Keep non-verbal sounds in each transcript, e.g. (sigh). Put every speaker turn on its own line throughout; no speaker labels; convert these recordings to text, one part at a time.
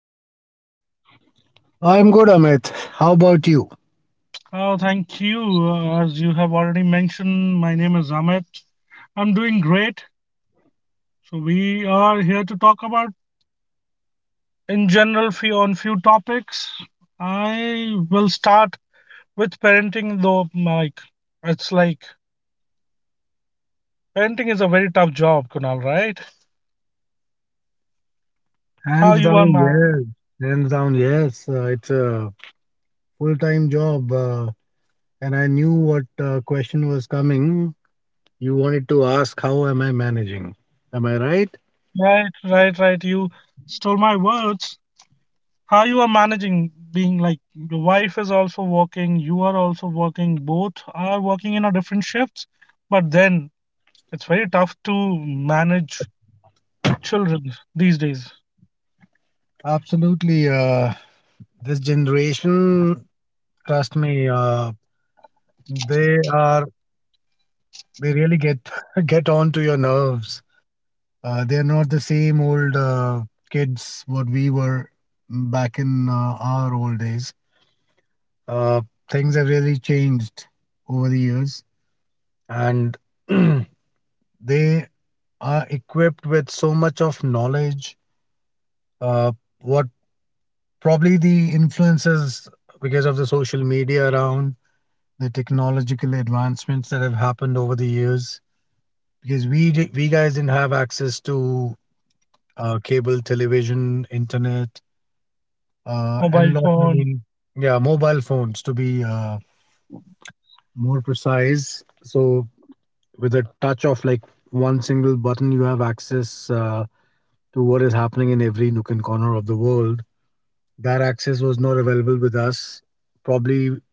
are you?
I'm good, Amit. How about you?
Oh, thank you. As you have already mentioned, my name is Amit. I'm doing great. So we are here to talk about, in general, few topics. I will start with parenting, though. Like, it's like Parenting is a very tough job, Kunal. Right? How
Hands
you are,
down,
man?
yes. Hands down, yes. It's a full-time job, and I knew what question was coming. You wanted to ask, how am I managing? Am I right?
Right, right, right. You stole my words. How you are managing, being like your wife is also working, you are also working, both are working in a different shifts, but then it's very tough to manage children these days.
Absolutely. This generation, trust me, they are they really get (laughs) get on to your nerves. They're not the same old kids what we were back in our old days. Uh, Things have really changed over the years, and (clears throat) they are equipped with so much of knowledge. Uh, what probably the influences because of the social media around the technological advancements that have happened over the years. Because we guys didn't have access to cable television, internet,
Mobile
and lot
phone.
many yeah mobile phones to be more precise, so with a touch of like one single button you have access to what is happening in every nook and corner of the world. That access was not available with us, probably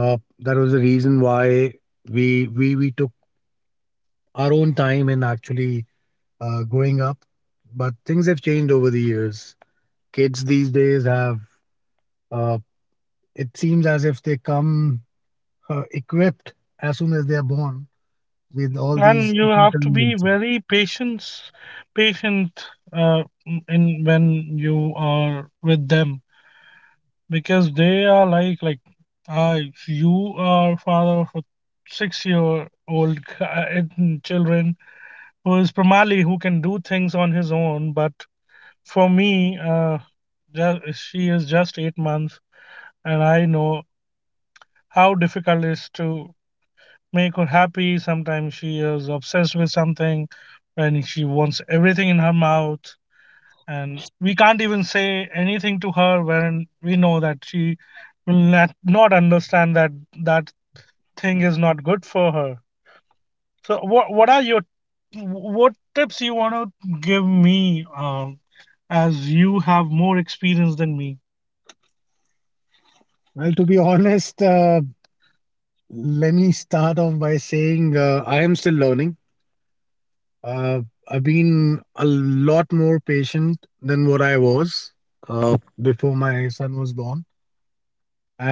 that was the reason why we took our own time in actually growing up. But things have changed over the years. Kids these days have uh, it seems as if they come equipped as soon as they are born with all
And you
these technical
have to be
inconveniences.
very patience patient, uh, in when you are with them, because they are like, I, you are father of a 6 year old children, who is Pramali, who can do things on his own. But for me, she is just 8 months, and I know how difficult it is to make her happy. Sometimes she is obsessed with something, and she wants everything in her mouth, and we can't even say anything to her when we know that she will not understand that that thing is not good for her. So what are your what tips you want to give me, as you have more experience than me?
Well, to be honest, let me start off by saying I am still learning. Uh, I've been a lot more patient than what I was before my son was born,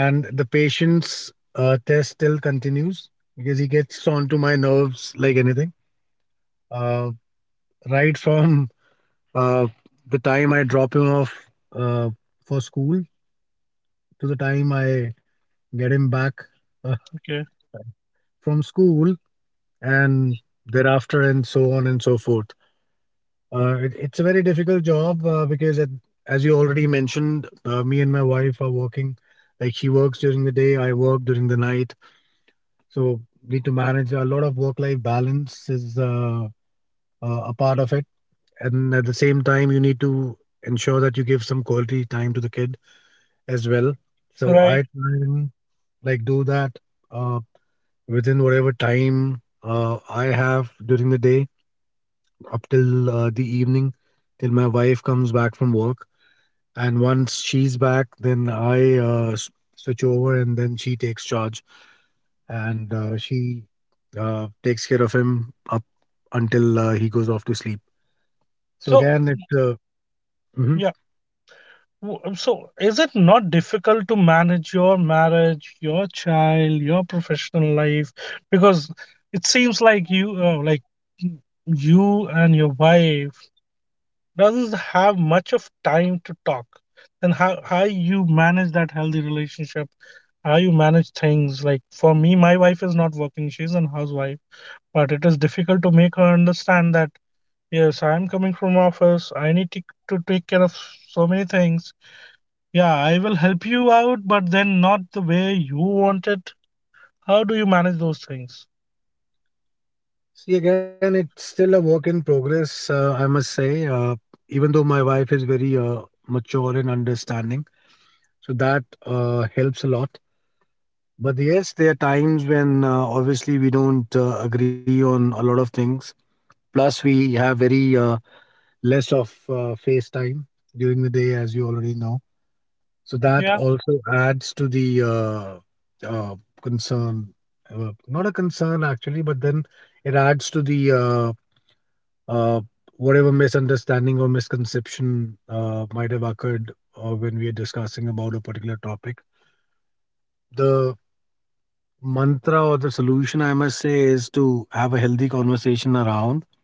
and the patience test still continues because he gets onto my nerves like anything. Uh, right from uh, the time I drop him off uh, for school to the time I get him back uh,
Okay,
from school and thereafter and so on and so forth. It's a very difficult job because as you already mentioned, me and my wife are working. Like, she works during the day, I work during the night, so need to manage a lot of work life balance is a part of it. And at the same time you need to ensure that you give some quality time to the kid as well. So
right.
I try and like do that uh, within whatever time I have during the day up till the evening, till my wife comes back from work. And once she's back, then I switch over and then she takes charge, and she takes care of him up until he goes off to sleep. So
So
again, it
yeah,
mhm.
so is it not difficult to manage your marriage, your child, your professional life? Because it seems like you and your wife doesn't have much of time to talk. And how you manage that healthy relationship, how you manage things? Like, for me, my wife is not working, she's a housewife, but it is difficult to make her understand that yes, I'm coming from office, I need to take care of so many things. Yeah, I will help you out, but then not the way you want it. How do you manage those things?
See again, it's still a work in progress. I must say, even though my wife is very mature and understanding, so that helps a lot. But yes, there are times when obviously we don't agree on a lot of things. Plus, we have very less of face time during the day, as you already know. So that
Yeah,
also adds to the concern. Not a concern actually, but then it adds to the uh, whatever misunderstanding or misconception might have occurred when we are discussing about a particular topic. The mantra or the solution, I must say, is to have a healthy conversation around.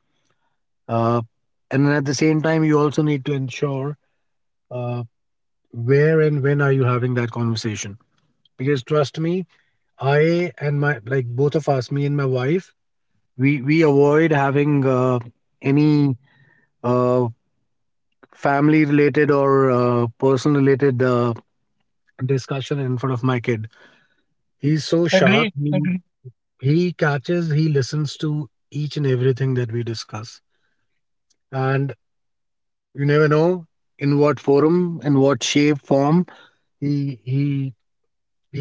uh, and then at the same time you also need to ensure uh, where and when are you having that conversation. Because trust me, I and my, both of us, me and my wife, we avoid having any uh, family related or person related discussion in front of my kid. He's so sharp,
agree, agree,
he catches, he listens to each and everything that we discuss. And you never know in what forum, in what shape, form, he he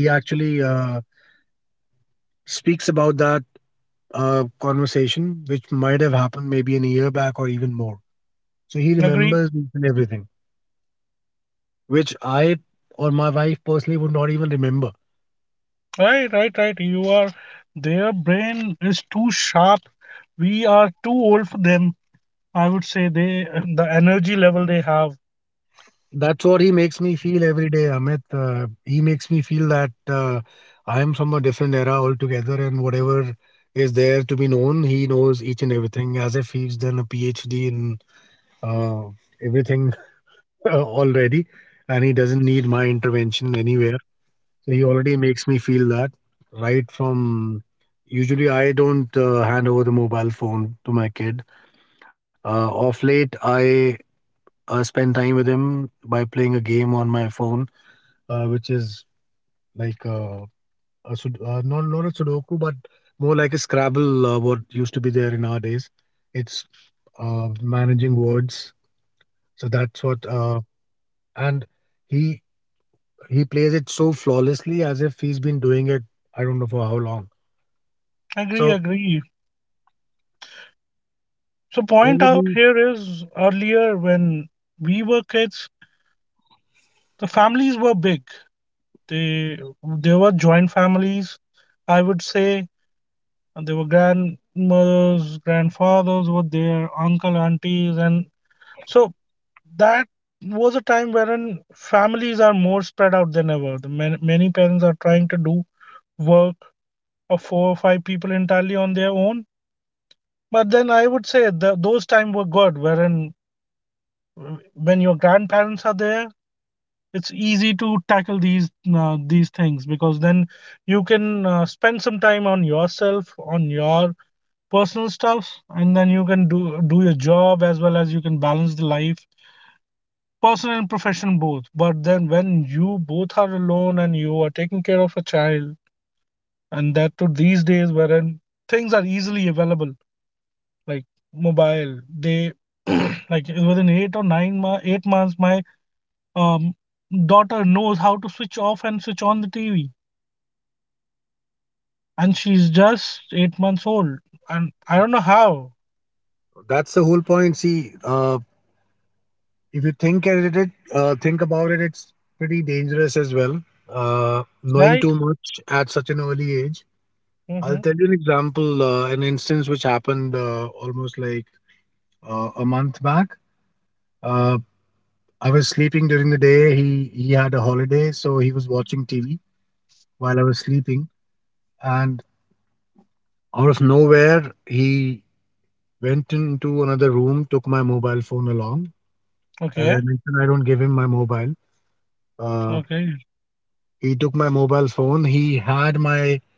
he actually speaks about that conversation, which might have happened maybe an year back or even more. So he
agree.
remembers each and everything, which I or my wife personally would not even remember.
Right, right, right. You, are their brain is too sharp. We are too old for them. I would say they, the energy level they have.
That's what he makes me feel every day, Amit. He makes me feel that I am from a different era altogether, and whatever is there to be known, he knows each and everything, as if he's done a PhD in uh, everything (laughs) already, and he doesn't need my intervention anywhere. So he already makes me feel that right from. Usually, I don't hand over the mobile phone to my kid. Of late, I spend time with him by playing a game on my phone, which is like uh, not a Sudoku, but more like a Scrabble. What used to be there in our days. It's managing words. So that's what. And he He plays it so flawlessly as if he's been doing it, I don't know for how long.
Agree,
So
agree. So point
over
out
the
here is, earlier when we were kids, the families were big. They they were joint families. I would say there were grandmothers, grandfathers were there, uncle, aunties, and so that was a time wherein families are more spread out than ever. The man, many parents are trying to do work of four or five people entirely on their own. But then I would say that those times were good, wherein, when your grandparents are there, it's easy to tackle these things, because then you can spend some time on yourself, on your personal stuff, and then you can do your job, as well as you can balance the life, personal and professional, both. But then when you both are alone and you are taking care of a child, and that to these days wherein things are easily available, like mobile, they, (clears throat) like within eight or nine ma- 8 months my um daughter knows how to switch off and switch on the TV. And she's just 8 months old, and I don't know how.
That's the whole point. See, if you think at it, think about it, it's pretty dangerous as well.
Right.
Knowing too much at such an early age.
Mm-hmm.
I'll tell you an example, an instance which happened almost like a month back. Uh, I was sleeping during the day. He had a holiday, so he was watching TV while I was sleeping, and out of nowhere, he went into another room, took my mobile phone along.
Okay.
As I mentioned, I don't give him my mobile. Uh,
Okay.
he took my mobile phone. He had my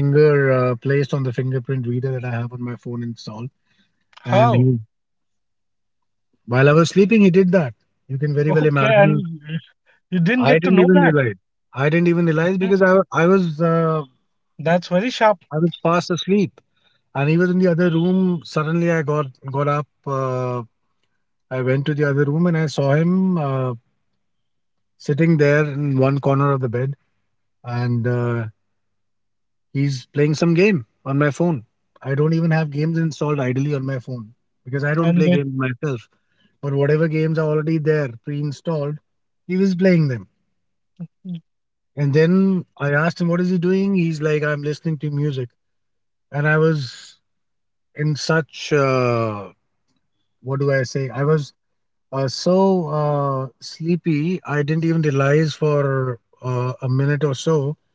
finger placed on the fingerprint reader that I have on my phone installed. And
How?
he, while I was sleeping, he did that. You can
(laughs)
very well
Okay, and
imagine.
you didn't get
I
to know
didn't even
that?
realize. I didn't even realize
Yeah.
because
That's very sharp.
I was fast asleep. And he was in the other room. Suddenly, I got up. I went to the other room and I saw him sitting there in one corner of the bed. And he's playing some game on my phone. I don't even have games installed idly on my phone because I don't
And
play
they.
games myself. But whatever games are already there pre-installed, he was playing them. And then I asked him, "What is he doing?" He's like, "I'm listening to music." And I was in such what do I say? I was so sleepy. I didn't even realize for a minute or so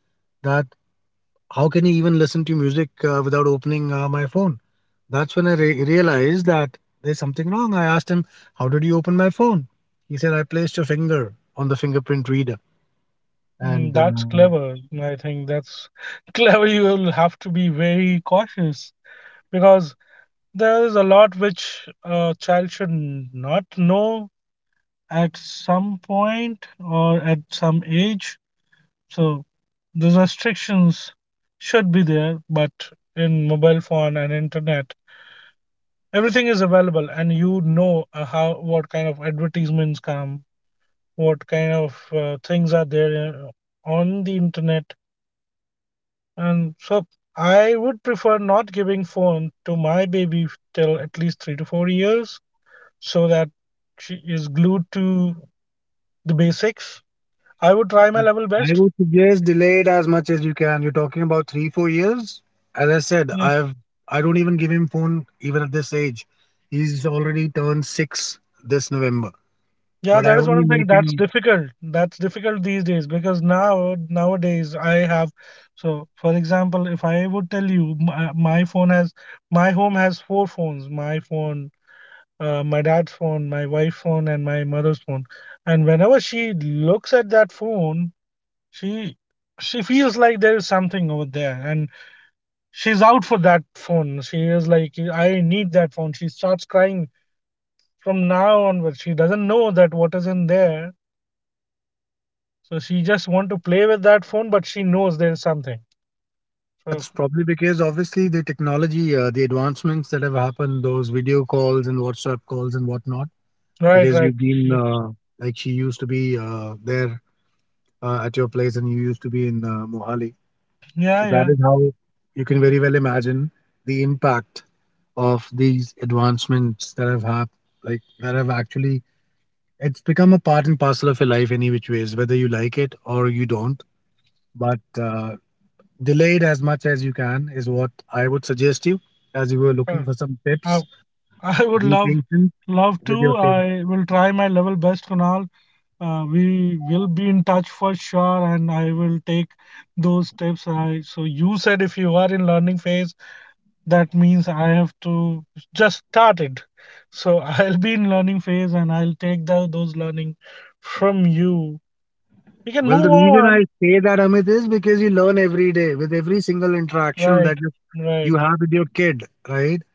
that how can you even listen to music without opening my phone? That's when I realized that there's something wrong. I asked him, how did you open my phone? He said, I placed your finger on the fingerprint reader.
Mm,
And
that's clever. I think that's (laughs) clever. You will have to be very cautious, because there is a lot which a child should not know at some point or at some age. So these restrictions should be there, but in mobile phone and internet, everything is available, and you know, how, what kind of advertisements come, what kind of things are there on the internet. And so I would prefer not giving phone to my baby till at least 3 to 4 years, so that she is glued to the basics. I would try my level best.
I would suggest delay it as much as you can. You're talking about three, 4 years. As I said,
Yeah.
I don't even give him phone even at this age. He's already turned six this November.
Yeah, that
But
is
I
what I'm
only
saying.
make
That's
him.
difficult. That's difficult these days, because nowadays I have, so for example, if I would tell you, my phone has, my home has four phones: my phone, my dad's phone, my wife's phone, and my mother's phone. And whenever she looks at that phone, she she feels like there is something over there, and she's out for that phone. She is like, I need that phone. She starts crying. From now onwards, she doesn't know that what is in there, so she just want to play with that phone, but she knows there's something.
Well,
So,
that's probably because obviously the technology, the advancements that have happened, those video calls and WhatsApp calls and whatnot,
right,
because
right,
you've been like she used to be there at your place and you used to be in Mohali.
yeah,
So
yeah.
that is how you can very well imagine the impact of these advancements that have like that have actually it's become a part and parcel of your life any which ways, whether you like it or you don't. But delayed as much as you can is what I would suggest you, as you were
uh,
looking for some
I,
tips.
I would
Be
love
patient
love
with
to,
your kids.
I will try my level best, Kunal. We will be in touch for sure, and I will take those tips. So you said if you are in learning phase, that means I have to just start it. So (laughs) I'll be in learning phase, and I'll take those learning from you. We can move
Well, the reason
on.
I say that, Amit, is because you learn every day with every single interaction
Right,
that
right.
you have with your kid, right?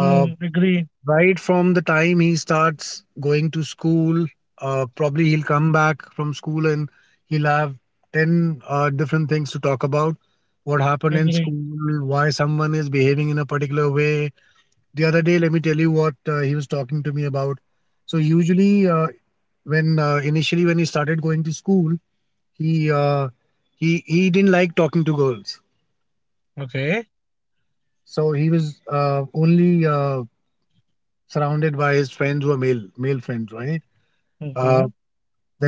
Hmm,
Uh,
agree,
right from the time he starts going to school, probably he'll come back from school and he'll have 10 different things to talk about. What happened in
agree.
school, why someone is behaving in a particular way, the other day let me tell you what he was talking to me about. So usually when initially when he started going to school, he uh, he didn't like talking to girls.
Okay.
So he was only surrounded by his friends who are male friends, right?
Mm-hmm.
uh,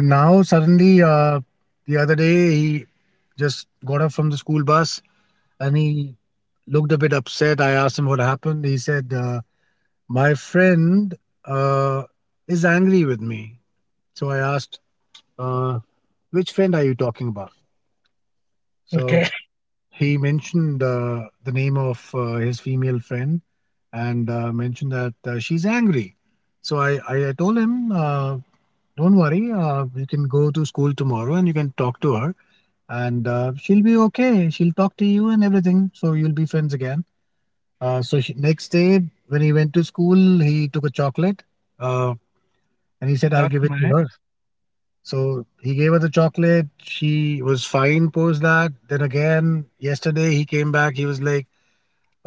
then now suddenly the other day he just got off from the school bus and he looked a bit upset. I asked him what happened. He said, my friend uh, is angry with me. So I asked, uh, which friend are you talking about?
Okay.
So
(laughs)
he mentioned the name of his female friend and mentioned that she's angry. So I told him, don't worry, you can go to school tomorrow and you can talk to her and she'll be okay. She'll talk to you and everything. So you'll be friends again. So next day, when he went to school, he took a chocolate uh, and he said,
That
I'll give it
nice.
to her. So he gave her the chocolate. She was fine post that. Then again, yesterday he came back. He was like,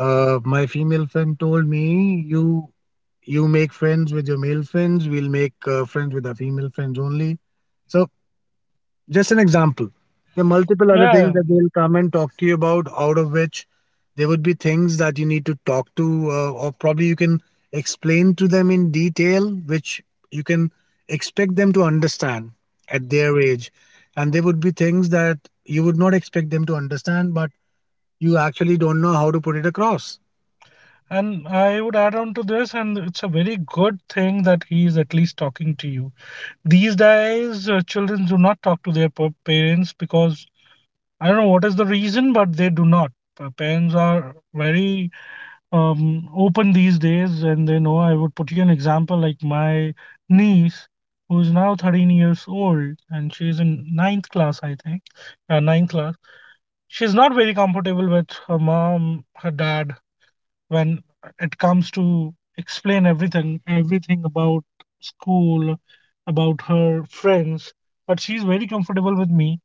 my female friend told me you make friends with your male friends. We'll make friends with our female friends only. So just an example. There are multiple other
Yeah.
things that they'll come and talk to you about, out of which there would be things that you need to talk to, or probably you can explain to them in detail, which you can expect them to understand at their age. And there would be things that you would not expect them to understand, but you actually don't know how to put it across.
And I would add on to this, and it's a very good thing that he is at least talking to you. These days, children do not talk to their parents, because I don't know what is the reason, but they do not. Parents are very open these days, and they know. I would put you an example, like my niece, who is now 13 years old and she's in ninth class, I think, ninth class. She's not very comfortable with her mom, her dad, when it comes to explain everything, everything about school, about her friends, but she's very comfortable with me.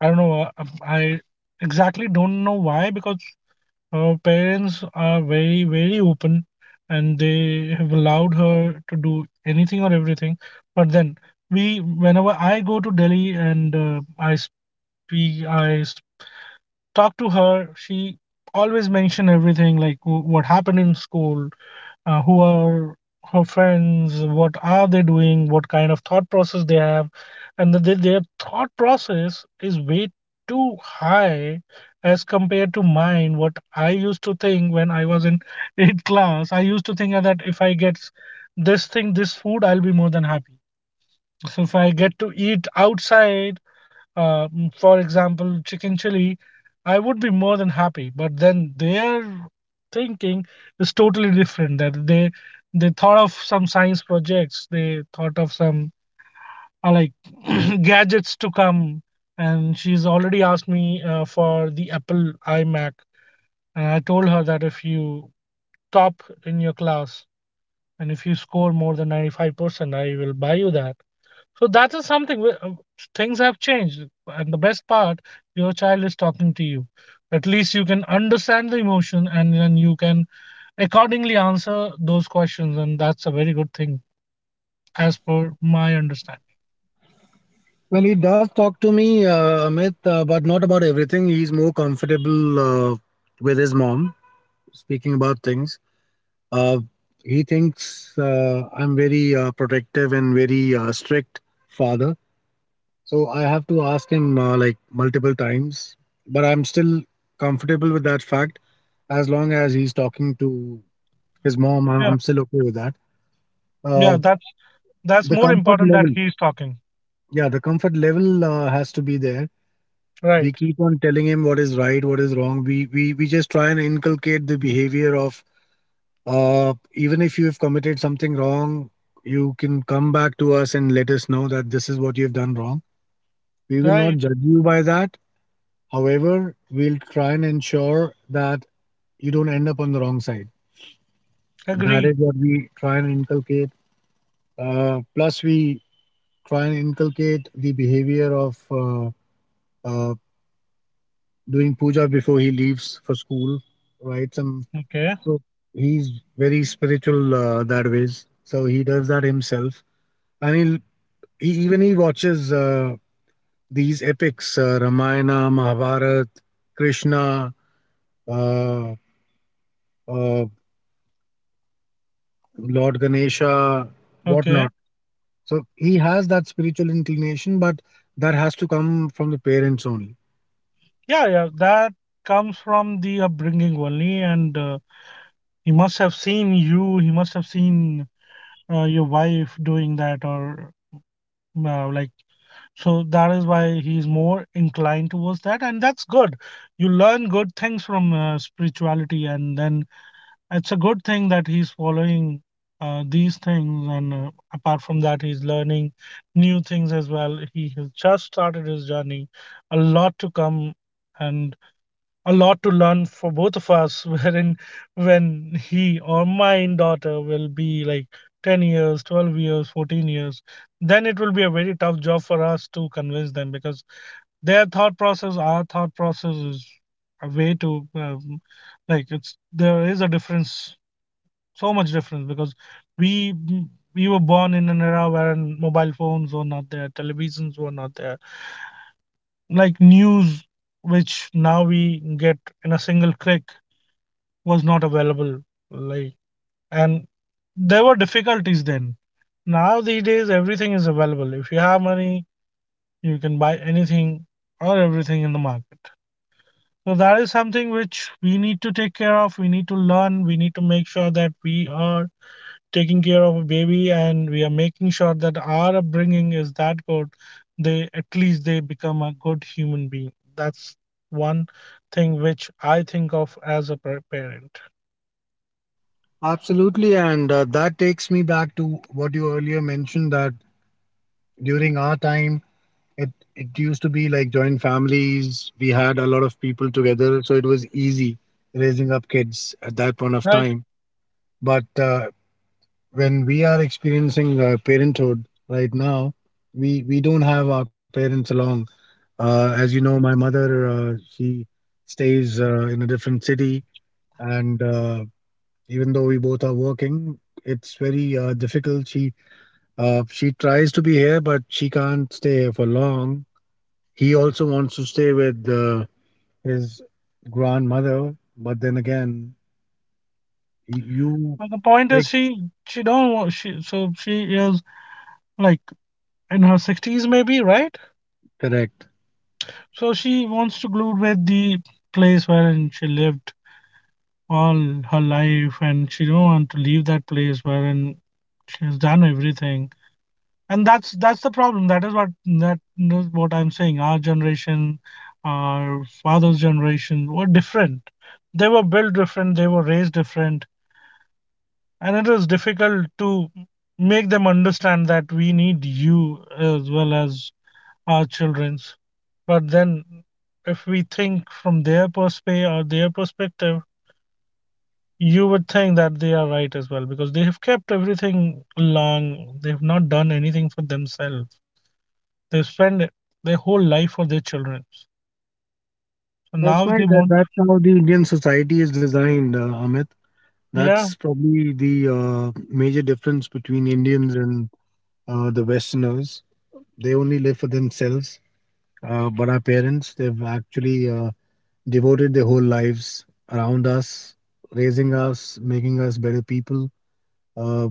I don't know, I exactly don't know why, because her parents are very, very open, and they have allowed her to do anything or everything. But then, whenever I go to Delhi and I speak, talk to her, she always mention everything, like what happened in school, who are her friends, what are they doing, what kind of thought process they have. And that they, their thought process is way too high as compared to mine. What I used to think when I was in (laughs) 8th class, I used to think that if I get this thing, this food, I'll be more than happy. So if I get to eat outside, for example, chicken chili, I would be more than happy. But then their thinking is totally different. That they thought of some science projects. They thought of some uh, like (clears throat) gadgets to come. And she's already asked me for the Apple iMac. And I told her that if you top in your class, and if you score more than 95%, I will buy you that. So that is something where things have changed. And the best part, your child is talking to you. At least you can understand the emotion, and then you can accordingly answer those questions. And that's a very good thing, as per my understanding.
Well, he does talk to me, Amit, but not about everything. He's more comfortable uh, with his mom speaking about things. Uh, he thinks I'm very protective and very strict father. So I have to ask him like multiple times, but I'm still comfortable with that fact as long as he's talking to his mom.
Yeah.
I'm still okay with that.
Yeah,
Uh,
that's
the
more
comfort
important, that
level,
he's talking.
yeah, the comfort level has to be there.
Right.
We keep on telling him what is right, what is wrong. We just try and inculcate the behavior of even if you've committed something wrong, you can come back to us and let us know that this is what you've done wrong. We will
Right.
not judge you by that. However, we'll try and ensure that you don't end up on the wrong side. That
Agree.
is what we try and inculcate. Plus, we try and inculcate the behavior of uh, doing puja before he leaves for school, right? Some
Okay.
so he's very spiritual that ways. So he does that himself, and even he watches these epics Ramayana, Mahabharata, Krishna, uh, uh, Lord Ganesha,
Okay.
whatnot. So he has that spiritual inclination, but that has to come from the parents only.
Yeah. Yeah, that comes from the upbringing only. And he must have seen you. He must have seen your wife doing that. Or now, like, so that is why he's more inclined towards that, and that's good. You learn good things from spirituality, and then it's a good thing that he's following these things. And apart from that, he's learning new things as well. He has just started his journey, a lot to come, and a lot to learn for both of us, (laughs) wherein when he or my daughter will be like 10 years, 12 years, 14 years, then it will be a very tough job for us to convince them, because their thought process, our thought process is a way to, it's, there is a difference, so much difference, because we we were born in an era where mobile phones were not there, televisions were not there, like news, which now we get in a single click, was not available. Like, and there were difficulties then. Now these days everything is available. If you have money, you can buy anything or everything in the market. So that is something which we need to take care of, we need to learn, we need to make sure that we are taking care of a baby, and we are making sure that our upbringing is that good, they, at least they become a good human being. That's one thing which I think of as a parent.
Absolutely. And that takes me back to what you earlier mentioned that during our time, it used to be like joint families. We had a lot of people together. So it was easy raising up kids at that point of
Right.
time. But when we are experiencing parenthood right now, we don't have our parents along. As you know, my mother, she stays in a different city, and even though we both are working, it's very difficult. She tries to be here, but she can't stay here for long. He also wants to stay with his grandmother, but then again, you,
But the point is,
like,
she don't want, she so she is like in her sixties, maybe, right?
correct.
So she wants to glue with the place wherein she lived all her life, and she don't want to leave that place wherein she has done everything. And that's the problem. That is what I'm saying. Our generation, our father's generation were different. They were built different. They were raised different, and it is difficult to make them understand that we need you as well as our children's. But then, if we think from their perspective you would think that they are right as well, because they have kept everything long, they've not done anything for themselves. They spend their whole life for their children, so now
That's why
they
that,
want.
that's how the Indian society is designed, Amit.
Yeah.
That's probably the major difference between Indians and the Westerners. They only live for themselves. But our parents, they've actually devoted their whole lives around us, raising us, making us better people, uh,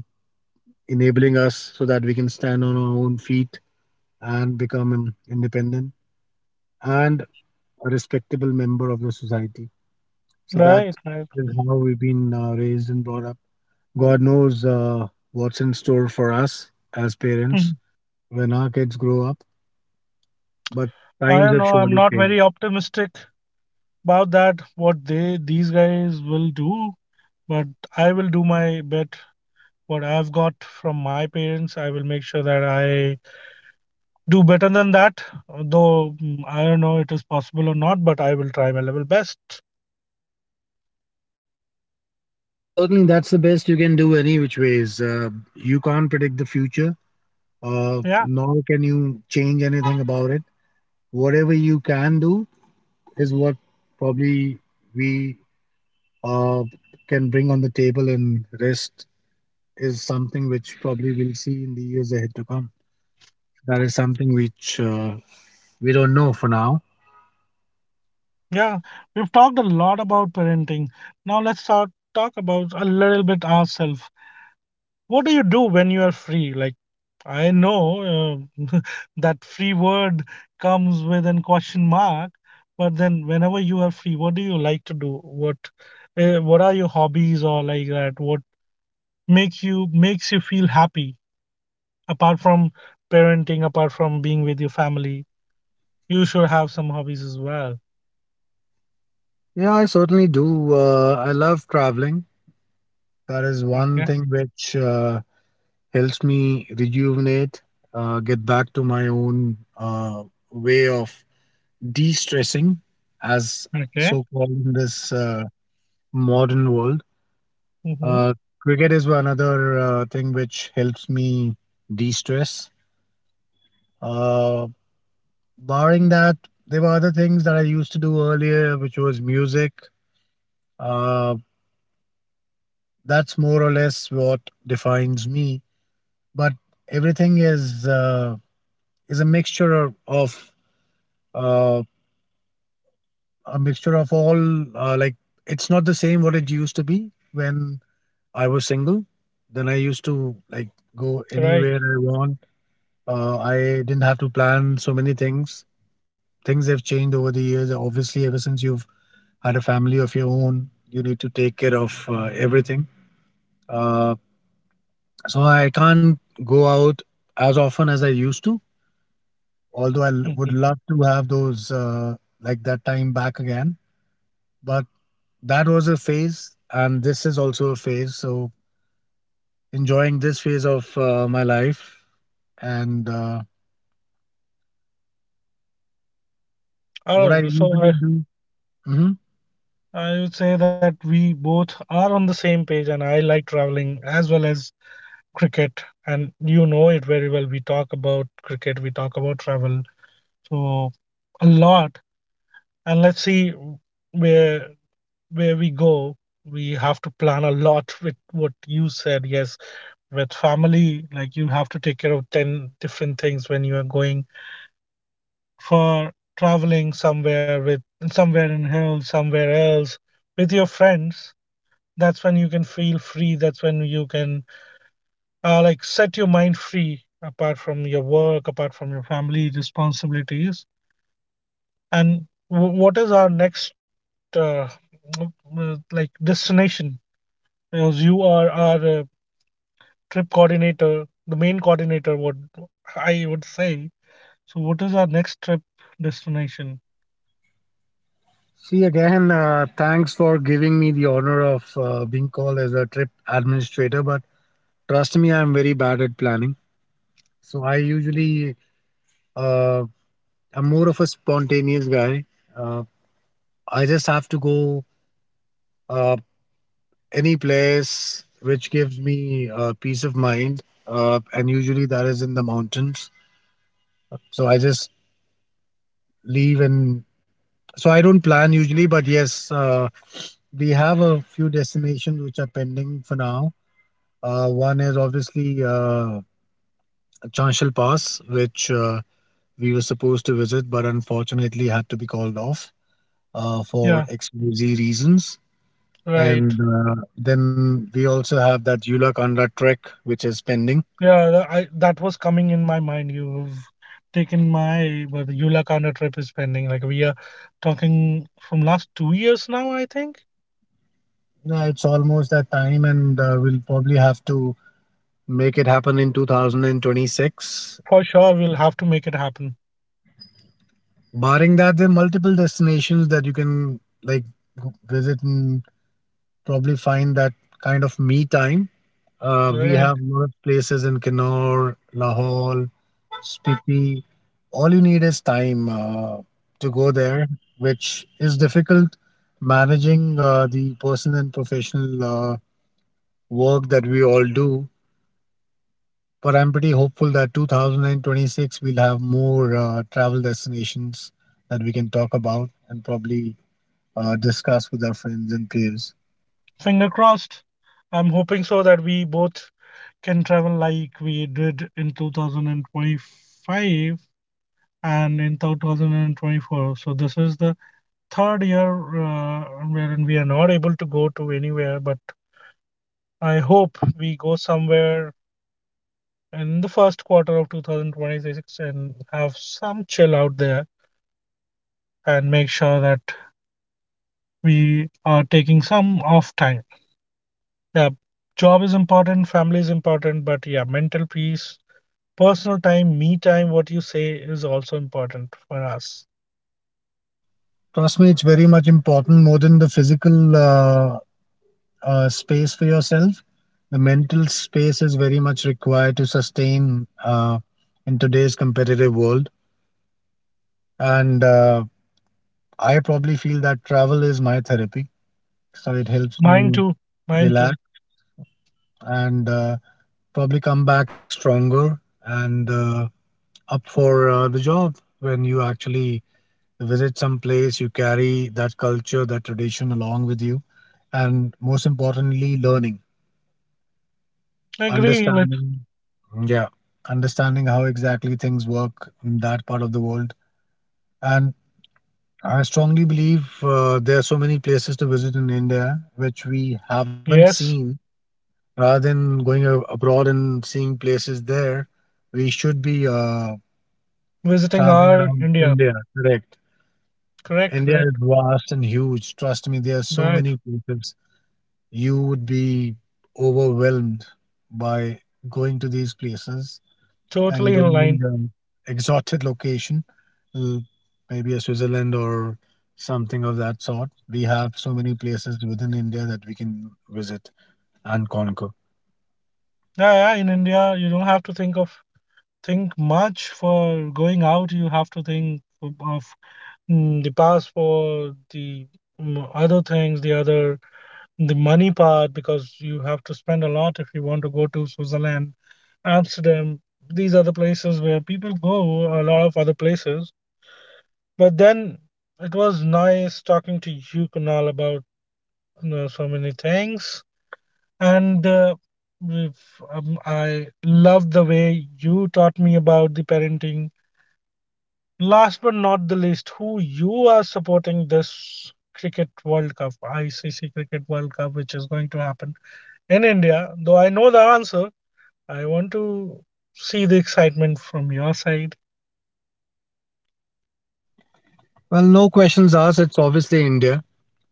enabling us so that we can stand on our own feet and become independent and a respectable member of the society. So that
Right, right.
is how we've been raised and brought up. God knows what's in store for us as
Hmm.
parents when our kids grow up, but
I
times
don't
have
know, I'm
surely
not
changed.
very optimistic about that, what they these guys will do. But I will do my bit. What I've got from my parents, I will make sure that I do better than that. Though I don't know it is possible or not, but I will try my level best.
Well, certainly that's the best you can do any which ways. You can't predict the future,
Yeah,
nor can you change anything about it. Whatever you can do is what probably we uh, can bring on the table, and rest is something which probably we'll see in the years ahead to come. That is something which we don't know for now.
yeah. We've talked a lot about parenting. Now let's start talk about a little bit ourselves. What do you do when you are free? Like, I know uh, (laughs) that free word comes with an question mark, but then whenever you are free, what do you like to do? What are your hobbies or like that? What makes you feel happy apart from parenting, apart from being with your family? You should have some hobbies as well.
Yeah, I certainly do. I love traveling. That is one
Okay.
thing which helps me rejuvenate, get back to my own way of de stressing, as so
Okay.
called in this modern world.
Mm-hmm.
Uh, cricket is one another thing which helps me de stress. Uh, barring that, there were other things that I used to do earlier, which was music. Uh, that's more or less what defines me. But everything is a mixture of uh, a mixture of all. Like, it's not the same what it used to be when I was single. Then I used to like go
Right.
anywhere I want. I didn't have to plan so many things. Things have changed over the years. Obviously, ever since you've had a family of your own, you need to take care of everything. Uh, So I can't go out as often as I used to, although I would
Mhm.
love to have those, like that time back again. But that was a phase, and this is also a phase. So enjoying this phase of my life. And what I
Oh, so
usually
I
do. Hmm.
I would say that we both are on the same page, and I like traveling as well as cricket. And you know it very well, we talk about cricket, we talk about travel, so, a lot. And let's see where we go. We have to plan a lot. With what you said, yes, with family, like you have to take care of 10 different things when you are going for traveling somewhere, with somewhere in hills, somewhere else with your friends. That's when you can feel free, that's when you can like set your mind free, apart from your work, apart from your family responsibilities. And what is our next uh, like destination? Because you are our trip coordinator, the main coordinator, what I would say. So what is our next trip destination?
See, again, thanks for giving me the honor of being called as a trip administrator. But trust me, I'm very bad at planning. So uh, I'm more of a spontaneous guy. Uh, I just have to go uh, any place which gives me peace of mind, and usually that is in the mountains. So I just leave and so I don't plan usually, but yes, we have a few destinations which are pending for now. One is obviously Chanshal Pass, which we were supposed to visit, but unfortunately had to be called off for
Yeah.
XYZ reasons.
Right.
And then we also have that Eulaconda trek, which is pending.
Yeah, that was coming in my mind, you've taken my. But the yulakanda trip is pending, like we are talking from last 2 years now, I think.
Yeah, it's almost that time, and we'll probably have to make it happen in 2026.
For sure, we'll have to make it happen.
Barring that, there are multiple destinations that you can like visit and probably find that kind of me time. We
Right.
have a lot of places in Kinnaur, Lahore, Spiti. All you need is time to go there, which is difficult managing the personal and professional uh, work that we all do. But I'm pretty hopeful that 2026 we'll have more travel destinations that we can talk about and probably discuss with our friends and peers.
Finger crossed. I'm hoping so, that we both can travel like we did in 2025 and in 2024. So this is the third year wherein we are not able to go to anywhere, but I hope we go somewhere in the first quarter of 2026 and have some chill out there, and make sure that we are taking some off time. Yeah, job is important, family is important, but yeah, mental peace, personal time, me time, what you say, is also important for us.
Trust me, it's very much important more than the physical space for yourself. The mental space is very much required to sustain in today's competitive world. And I probably feel that travel is my therapy. So it helps
Mine
me
too, mine too.
relax and probably come back stronger and up for the job. When you actually visit some place, you carry that culture, that tradition along with you, and most importantly, learning,
Agree with.
understanding, yeah, understanding how exactly things work in that part of the world. And I strongly believe there are so many places to visit in India which we haven't
Yes,
seen. Rather than going abroad and seeing places there, we should be
visiting
traveling
our
around
India.
India. Correct.
Correct,
India is
correct.
vast and huge. Trust me, there are so
Right,
many places. You would be overwhelmed by going to these places. And you
totally in
don't need
line.
an exotic location, l- maybe a Switzerland or something of that sort. We have so many places within India that we can visit and conquer.
Yeah, yeah, in India, you don't have to think of, think much for going out. You have to think of, the passport, the other things, the other, the money part, because you have to spend a lot if you want to go to Switzerland, Amsterdam. These are the places where people go, a lot of other places. But then, it was nice talking to you, Kunal, about, you know, so many things. And we've- I love the way you taught me about the parenting. Last but not the least, who you are supporting this Cricket World Cup, ICC Cricket World Cup, which is going to happen in India, though I know the answer, I want to see the excitement from your side.
Well, no questions asked. It's obviously India.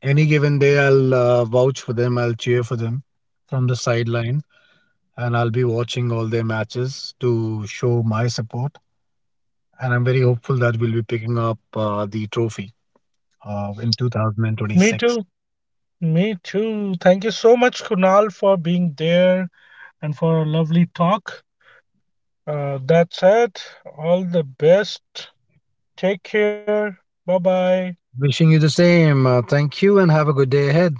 Any given day, I'll vouch for them. I'll cheer for them from the sideline, and I'll be watching all their matches to show my support. And I'm very hopeful that we'll be picking up the trophy in
Me
2026.
too. Me too. Thank you so much, Kunal, for being there and for a lovely talk. That's it. All the best. Take care. Bye bye.
Wishing you the same. Thank you and have a good day ahead.